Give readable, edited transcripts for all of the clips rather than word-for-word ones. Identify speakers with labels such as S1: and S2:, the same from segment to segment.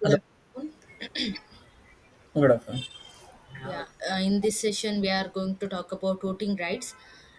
S1: Good
S2: Hello.
S1: afternoon.
S2: Good afternoon.
S1: Yeah, in this session, we are going to talk about voting rights.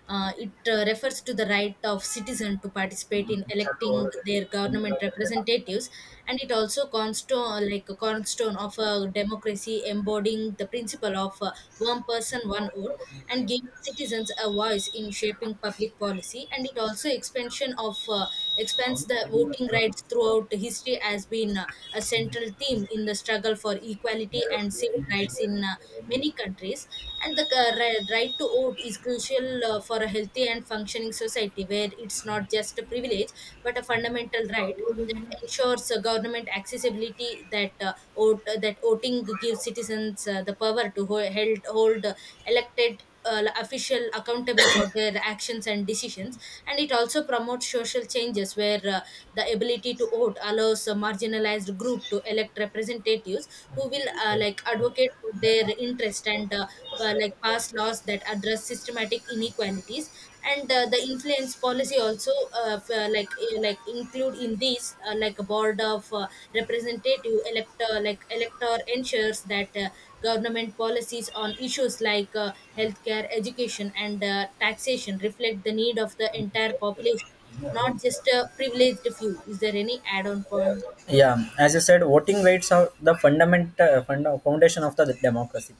S1: It refers to the right of citizen to participate in electing their government representatives, and it also cornerstone like a cornerstone of a democracy, embodying the principle of one person, one vote, and giving citizens a voice in shaping public policy. And it also expansion of expands the voting rights throughout history has been a central theme in the struggle for equality and civil rights in many countries, and the right to vote is crucial for a healthy and functioning society where it's not just a privilege but a fundamental right that ensures government accessibility. That voting gives citizens the power to hold elected official accountable for their actions and decisions, and it also promotes social changes where the ability to vote allows a marginalized group to elect representatives who will advocate for their interest, and pass laws that address systematic inequalities, and the influence policy also include in this like a board of representative elector like elector ensures that government policies on issues like healthcare, education, and taxation reflect the need of the entire population, not just a privileged few. Is there any add-on point?
S2: Yeah, as you said, voting rights are the foundation of the democracy,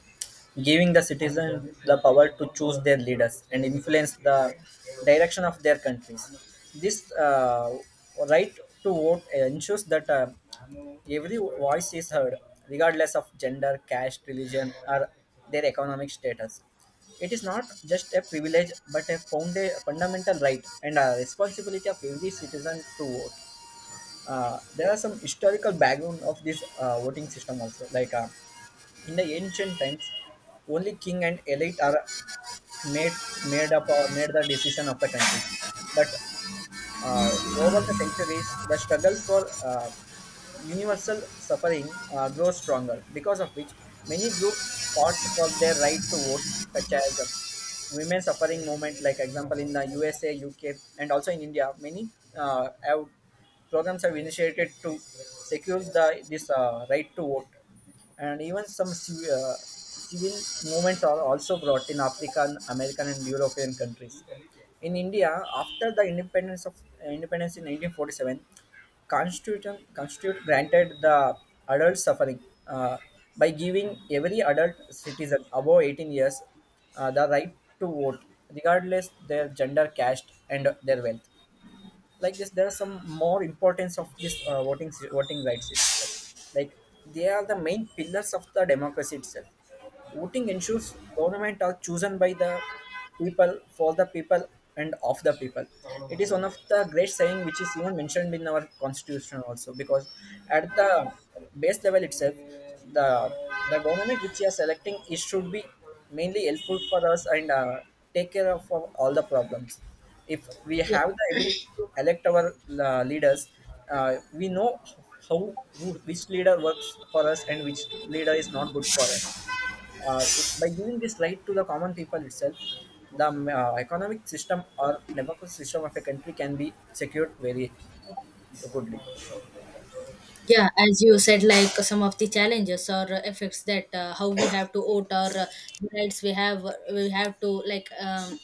S2: giving the citizens the power to choose their leaders and influence the direction of their countries. This right to vote ensures that every voice is heard, regardless of gender, caste, religion, or their economic status. It is not just a privilege, but a fundamental right and a responsibility of every citizen to vote. There are some historical background of this voting system also. In the ancient times, only king and elite are made made up or made the decision of the country. But uh, over the centuries, the struggle for universal suffering grows stronger, because of which many groups fought for their right to vote, such as women suffering movement, like example in the USA, UK, and also in India. Uh, have, Programs have initiated to secure the this right to vote, and even some civil movements are also brought in African, American, and European countries. In India, after the independence in 1947, constitution constitute granted the adult suffering, uh, by giving every adult citizen above 18 years the right to vote, regardless their gender, caste, and their wealth. Like this, there are some more importance of this voting voting rights is, like, they are the main pillars of the democracy itself. Voting ensures government are chosen by the people, for the people, and of the people. It is one of the great saying which is even mentioned in our constitution also, because at the base level itself, the the government which you are selecting, it should be mainly helpful for us and take care of all the problems if we
S1: Yeah.
S2: have the ability to elect our leaders. uh, we know how which leader works for us and which leader is not good for us. uh, by giving this right to the common people itself, the economic system or democratic system of a country can be secured very goodly.
S1: Yeah, as you said, like some of the challenges or effects, that how we have to vote or rights we have, we have to like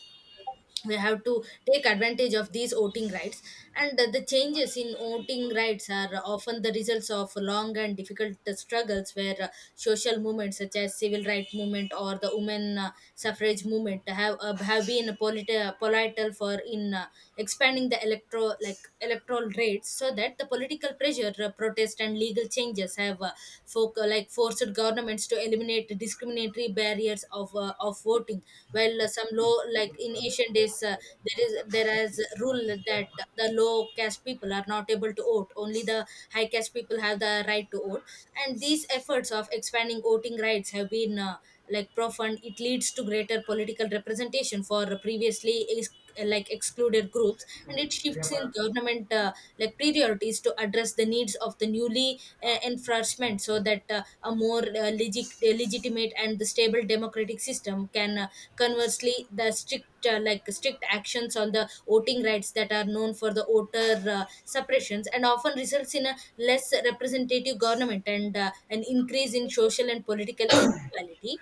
S1: we have to take advantage of these voting rights. And the changes in voting rights are often the results of long and difficult struggles where social movements such as civil rights movement or the women suffrage movement have been political for in expanding the electro like electoral control rates, so that the political pressure, protest, and legal changes have forced governments to eliminate discriminatory barriers of voting. While some law, like in ancient days, there is a rule that the low caste people are not able to vote. Only the high caste people have the right to vote. And these efforts of expanding voting rights have been like profound. It leads to greater political representation for previously excluded groups, and it shifts in government. Like priorities to address the needs of the newly enfranchisement, so that a more legitimate and the stable democratic system can conversely the strict strict actions on the voting rights that are known for the voter suppressions and often results in a less representative government and an increase in social and political inequality.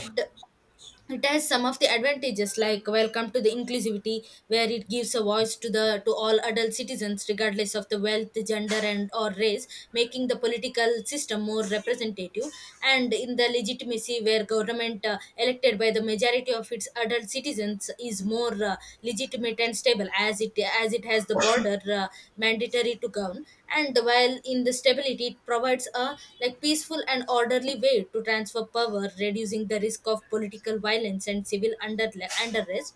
S1: And it has some of the advantages, like welcome to the inclusivity, where it gives a voice to the to all adult citizens regardless of the wealth, gender, and or race, making the political system more representative; and in the legitimacy, where government elected by the majority of its adult citizens is more legitimate and stable, as it has the border mandatory to govern; and while in the stability, it provides a like peaceful and an orderly way to transfer power, reducing the risk of political violence and civil unrest.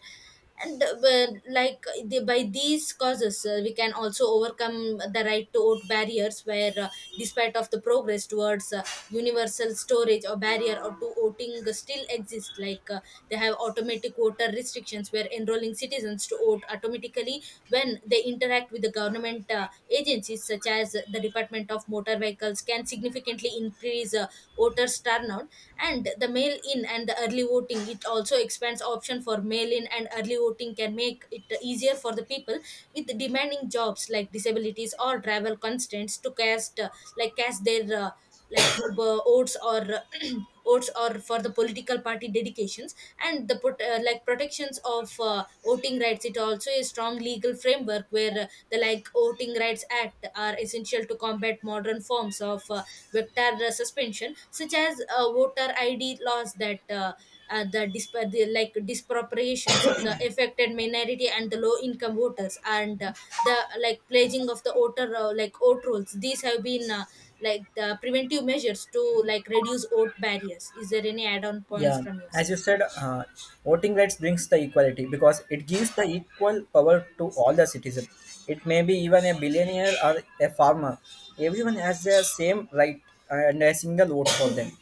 S1: And the, by these causes, we can also overcome the right to vote barriers, where despite of the progress towards universal storage or barrier or to voting, still exists. Like they have automatic voter restrictions, where enrolling citizens to vote automatically when they interact with the government agencies such as the Department of Motor Vehicles can significantly increase voters' turnout. And the mail-in and the early voting, it also expands option for mail-in and early voting can make it easier for the people with demanding jobs like disabilities or travel constraints to cast cast their oaths, or oaths, or for the political party dedications. And the put, protections of voting rights, it also a strong legal framework where the like voting rights act are essential to combat modern forms of vector suspension, such as voter id laws that the, disp- the like disproportions of the affected minority and the low income voters, and the like pledging of the voter vote rolls, these have been the preventive measures to like reduce oat barriers. Is there any add-on points
S2: Yeah,
S1: from your
S2: as
S1: side?
S2: you said, voting rights brings the equality because it gives the equal power to all the citizens. It may be even a billionaire or a farmer. Everyone has the same right and a single vote for them.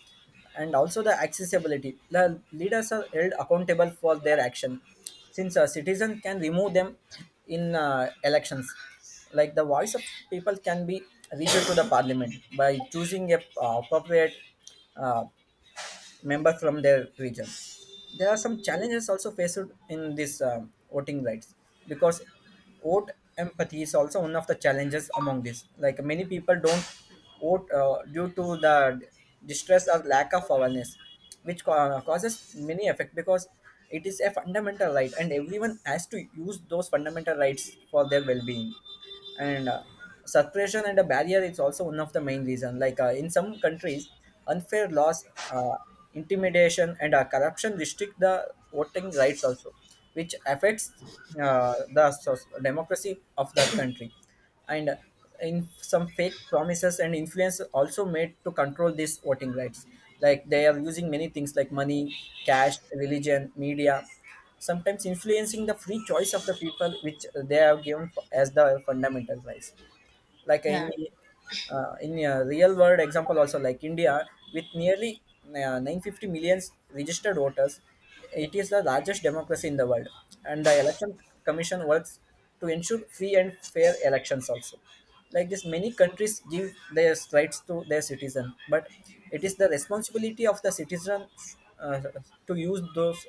S2: And also the accessibility. The leaders are held accountable for their action, since a citizen can remove them in elections. Like the voice of people can be reached to the parliament by choosing a appropriate. Uh, Members from their region. There are some challenges also faced in this voting rights, because vote empathy is also one of the challenges among this. Like, many people don't vote due to the distress or lack of awareness, which causes many effect, because it is a fundamental right and everyone has to use those fundamental rights for their well-being. And suppression and a barrier is also one of the main reason, like in some countries unfair laws, intimidation, and corruption restrict the voting rights also, which affects the democracy of that country. And in some fake promises and influence also made to control these voting rights, like they are using many things like money, cash, religion, media, sometimes influencing the free choice of the people which they have given as the fundamental rights. Like
S1: Yeah.
S2: in a real world example also, like India, with nearly 950 millions registered voters, it is the largest democracy in the world, and the election commission works to ensure free and fair elections also. Like this, many countries give their rights to their citizen, but it is the responsibility of the citizen uh, to use those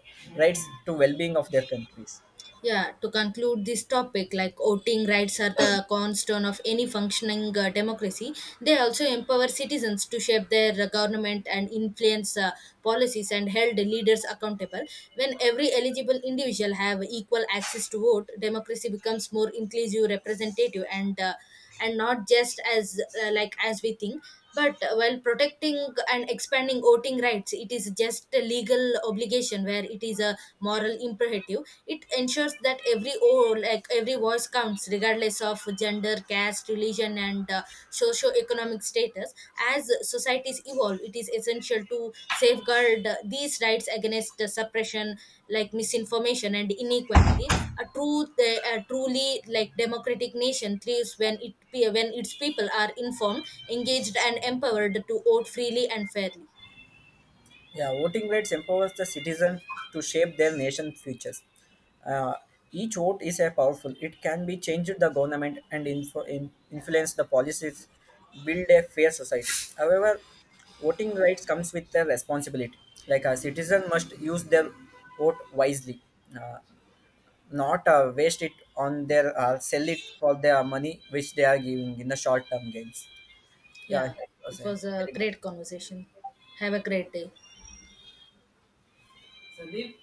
S2: rights to well-being of their countries.
S1: Yeah, to conclude this topic, like voting rights are the cornerstone of any functioning democracy. They also empower citizens to shape their government and influence policies and held leaders accountable. When every eligible individual have equal access to vote, democracy becomes more inclusive, representative, and not just as as we think, but while protecting and expanding voting rights, it is just a legal obligation where it is a moral imperative. It ensures that every oh, like every voice counts, regardless of gender, caste, religion, and socio-economic status sectors. As societies evolve, it is essential to safeguard these rights against the suppression, like misinformation and inequality. A truly like democratic nation thrives when its people are informed, engaged, and empowered to vote freely and fairly.
S2: Yeah, voting rights empowers the citizen to shape their nation's futures. Uh, each vote is a powerful. It can be changed the government and influence the policies, build a fair society. However, voting rights comes with a responsibility. Like, a citizen must use their vote wisely, uh, not waste it on their sell it for their money which they are giving in the short term gains. Yeah,
S1: Yeah,
S2: it was
S1: it
S2: a
S1: was a
S2: very good.
S1: great conversation. Have a great day.
S2: Sandeep?